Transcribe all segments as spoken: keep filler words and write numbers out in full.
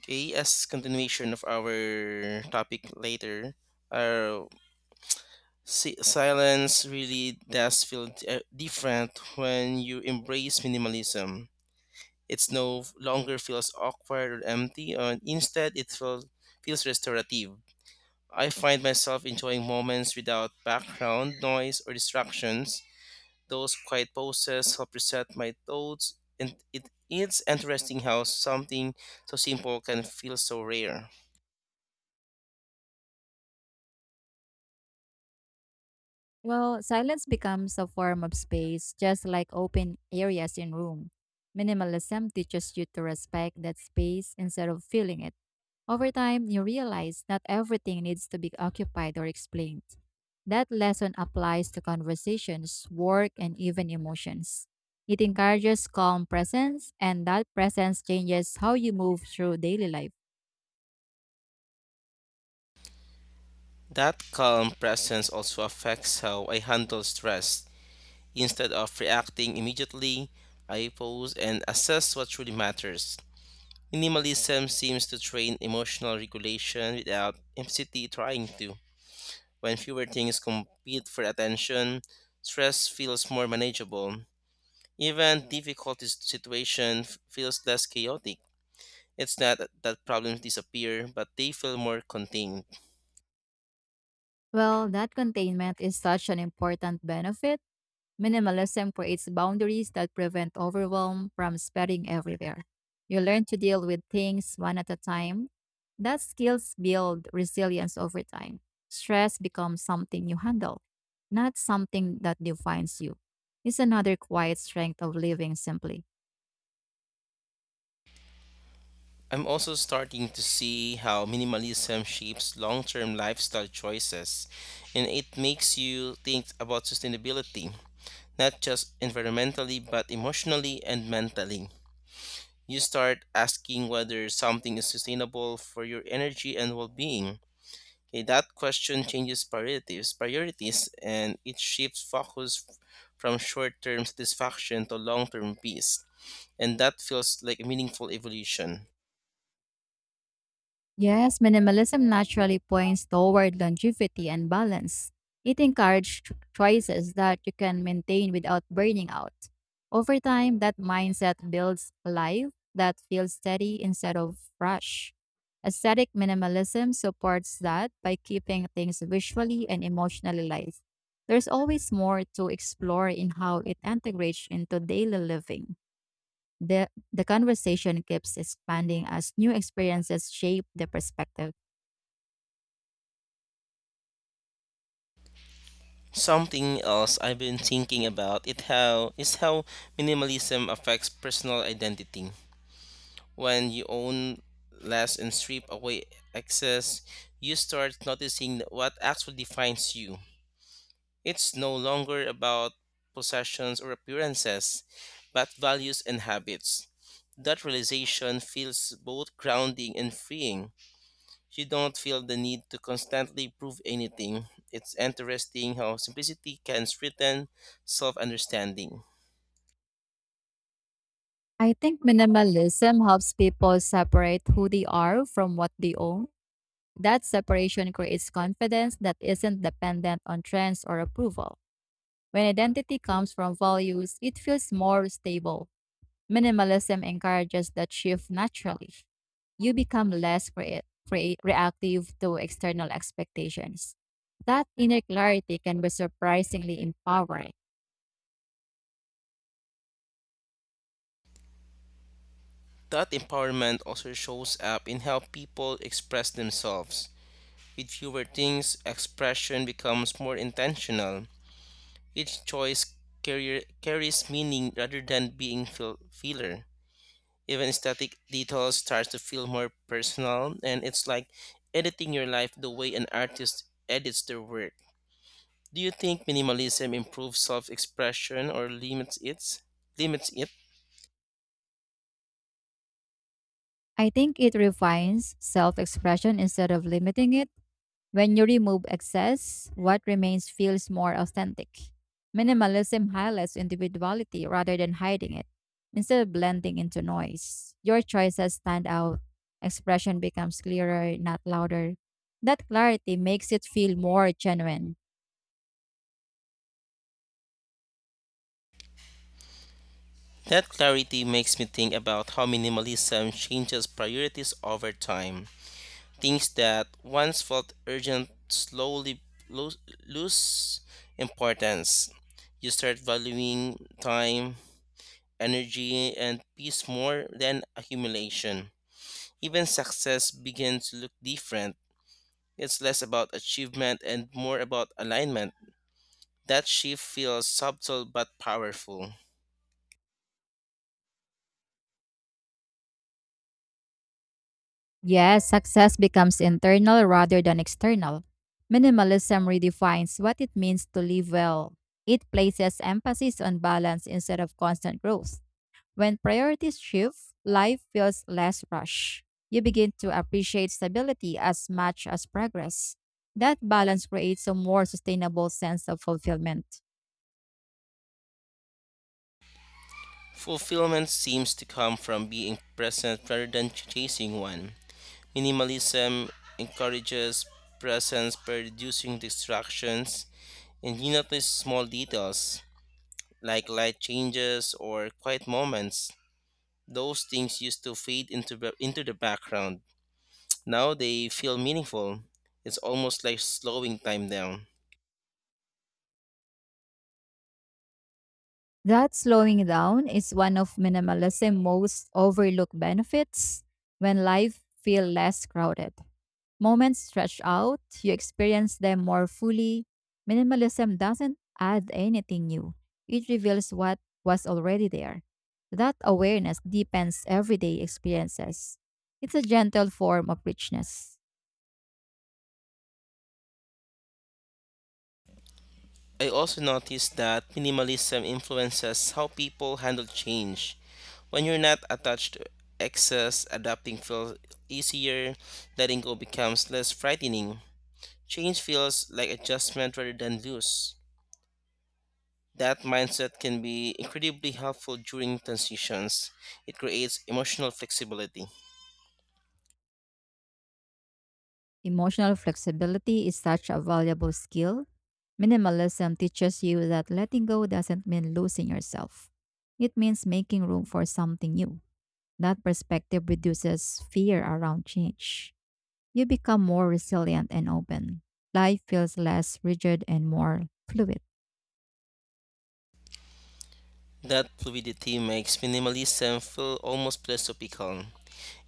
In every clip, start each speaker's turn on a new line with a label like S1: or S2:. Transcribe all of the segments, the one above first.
S1: Okay, as continuation of our topic later, uh, si- silence really does feel uh, different when you embrace minimalism. It's no longer feels awkward or empty, and instead it feels feels restorative. I find myself enjoying moments without background noise or distractions. Those quiet pauses help reset my thoughts, and it, it's interesting how something so simple can feel so rare.
S2: Well, silence becomes a form of space, just like open areas in room. Minimalism teaches you to respect that space instead of filling it. Over time, you realize not everything needs to be occupied or explained. That lesson applies to conversations, work, and even emotions. It encourages calm presence, and that presence changes how you move through daily life.
S1: That calm presence also affects how I handle stress. Instead of reacting immediately, I pause and assess what truly matters. Minimalism seems to train emotional regulation without implicitly trying to. When fewer things compete for attention, stress feels more manageable. Even difficult s- situation f- feels less chaotic. It's not that problems disappear, but they feel more contained.
S2: Well, that containment is such an important benefit. Minimalism creates boundaries that prevent overwhelm from spreading everywhere. You learn to deal with things one at a time. That skills build resilience over time. Stress becomes something you handle, not something that defines you. It's another quiet strength of living simply.
S1: I'm also starting to see how minimalism shapes long term lifestyle choices, and it makes you think about sustainability, not just environmentally, but emotionally and mentally. You start asking whether something is sustainable for your energy and well being. Okay, that question changes priorities, priorities and it shifts focus f- from short term satisfaction to long term peace. And that feels like a meaningful evolution.
S2: Yes, minimalism naturally points toward longevity and balance. It encourages ch- choices that you can maintain without burning out. Over time, that mindset builds a life that feels steady instead of rush. Aesthetic minimalism supports that by keeping things visually and emotionally light. There's always more to explore in how it integrates into daily living. The, the conversation keeps expanding as new experiences shape the perspective.
S1: Something else I've been thinking about it how is how minimalism affects personal identity. When you own less and strip away excess, you start noticing what actually defines you. It's no longer about possessions or appearances, but values and habits. That realization feels both grounding and freeing. You don't feel the need to constantly prove anything. It's interesting how simplicity can strengthen self understanding.
S2: I think minimalism helps people separate who they are from what they own. That separation creates confidence that isn't dependent on trends or approval. When identity comes from values, it feels more stable. Minimalism encourages that shift naturally. You become less crea- crea- reactive to external expectations. That inner clarity can be surprisingly empowering.
S1: That empowerment also shows up in how people express themselves. With fewer things, expression becomes more intentional. Each choice carrier, carries meaning rather than being feel, feeler. Even static details starts to feel more personal, and it's like editing your life the way an artist edits their work. Do you think minimalism improves self-expression or limits it? Limits it?
S2: I think it refines self expression instead of limiting it. When you remove excess, what remains feels more authentic. Minimalism highlights individuality rather than hiding it, instead of blending into noise. Your choices stand out, expression becomes clearer, not louder. That clarity makes it feel more genuine.
S1: That clarity makes me think about how minimalism changes priorities over time. Things that once felt urgent slowly lo- lose importance. You start valuing time, energy, and peace more than accumulation. Even success begins to look different. It's less about achievement and more about alignment. That shift feels subtle but powerful.
S2: Yes, success becomes internal rather than external. Minimalism redefines what it means to live well. It places emphasis on balance instead of constant growth. When priorities shift, life feels less rushed. You begin to appreciate stability as much as progress. That balance creates a more sustainable sense of fulfillment.
S1: Fulfillment seems to come from being present rather than chasing one. Minimalism encourages presence by reducing distractions, and you notice small details like light changes or quiet moments. Those things used to fade into, the- into the background. Now they feel meaningful. It's almost like slowing time down.
S2: That slowing down is one of minimalism's most overlooked benefits when life feels less crowded. Moments stretch out, you experience them more fully. Minimalism doesn't add anything new, it reveals what was already there. That awareness deepens everyday experiences. It's a gentle form of richness.
S1: I also noticed that minimalism influences how people handle change. When you're not attached to excess, adapting feels easier, letting go becomes less frightening. Change feels like adjustment rather than loss. That mindset can be incredibly helpful during transitions. It creates emotional flexibility.
S2: Emotional flexibility is such a valuable skill. Minimalism teaches you that letting go doesn't mean losing yourself. It means making room for something new. That perspective reduces fear around change. You become more resilient and open. Life feels less rigid and more fluid.
S1: That fluidity makes minimalism feel almost philosophical.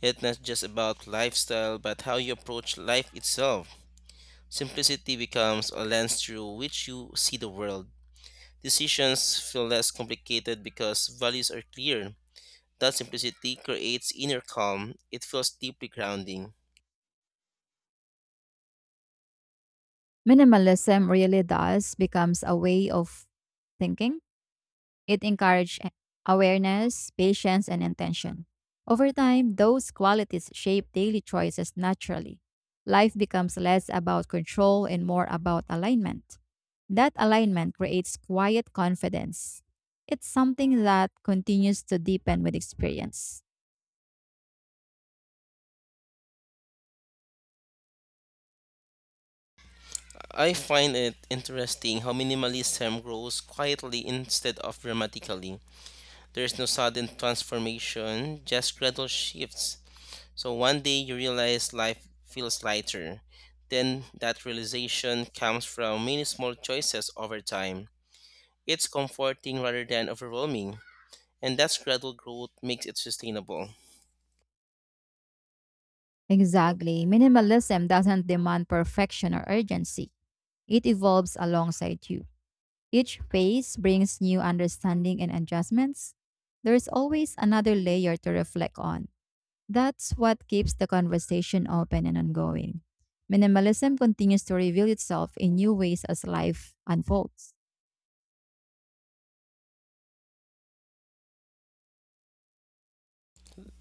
S1: It's not just about lifestyle, but how you approach life itself. Simplicity becomes a lens through which you see the world. Decisions feel less complicated because values are clear. That simplicity creates inner calm. It feels deeply grounding.
S2: Minimalism really does becomes a way of thinking. It encourages awareness, patience, and intention. Over time, those qualities shape daily choices naturally. Life becomes less about control and more about alignment. That alignment creates quiet confidence. It's something that continues to deepen with experience.
S1: I find it interesting how minimalism grows quietly instead of dramatically. There is no sudden transformation, just gradual shifts. So one day you realize life feels lighter. Then that realization comes from many small choices over time. It's comforting rather than overwhelming, and that gradual growth makes it sustainable.
S2: Exactly. Minimalism doesn't demand perfection or urgency. It evolves alongside you. Each phase brings new understanding and adjustments. There is always another layer to reflect on. That's what keeps the conversation open and ongoing. Minimalism continues to reveal itself in new ways as life unfolds.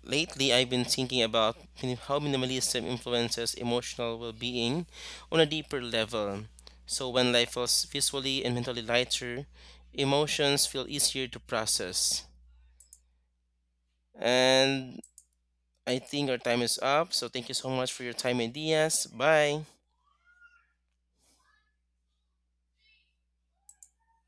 S1: Lately, I've been thinking about min- how minimalism influences emotional well being on a deeper level. So, when life feels visually and mentally lighter, emotions feel easier to process. And I think our time is up, so thank you so much for your time, ideas. Bye.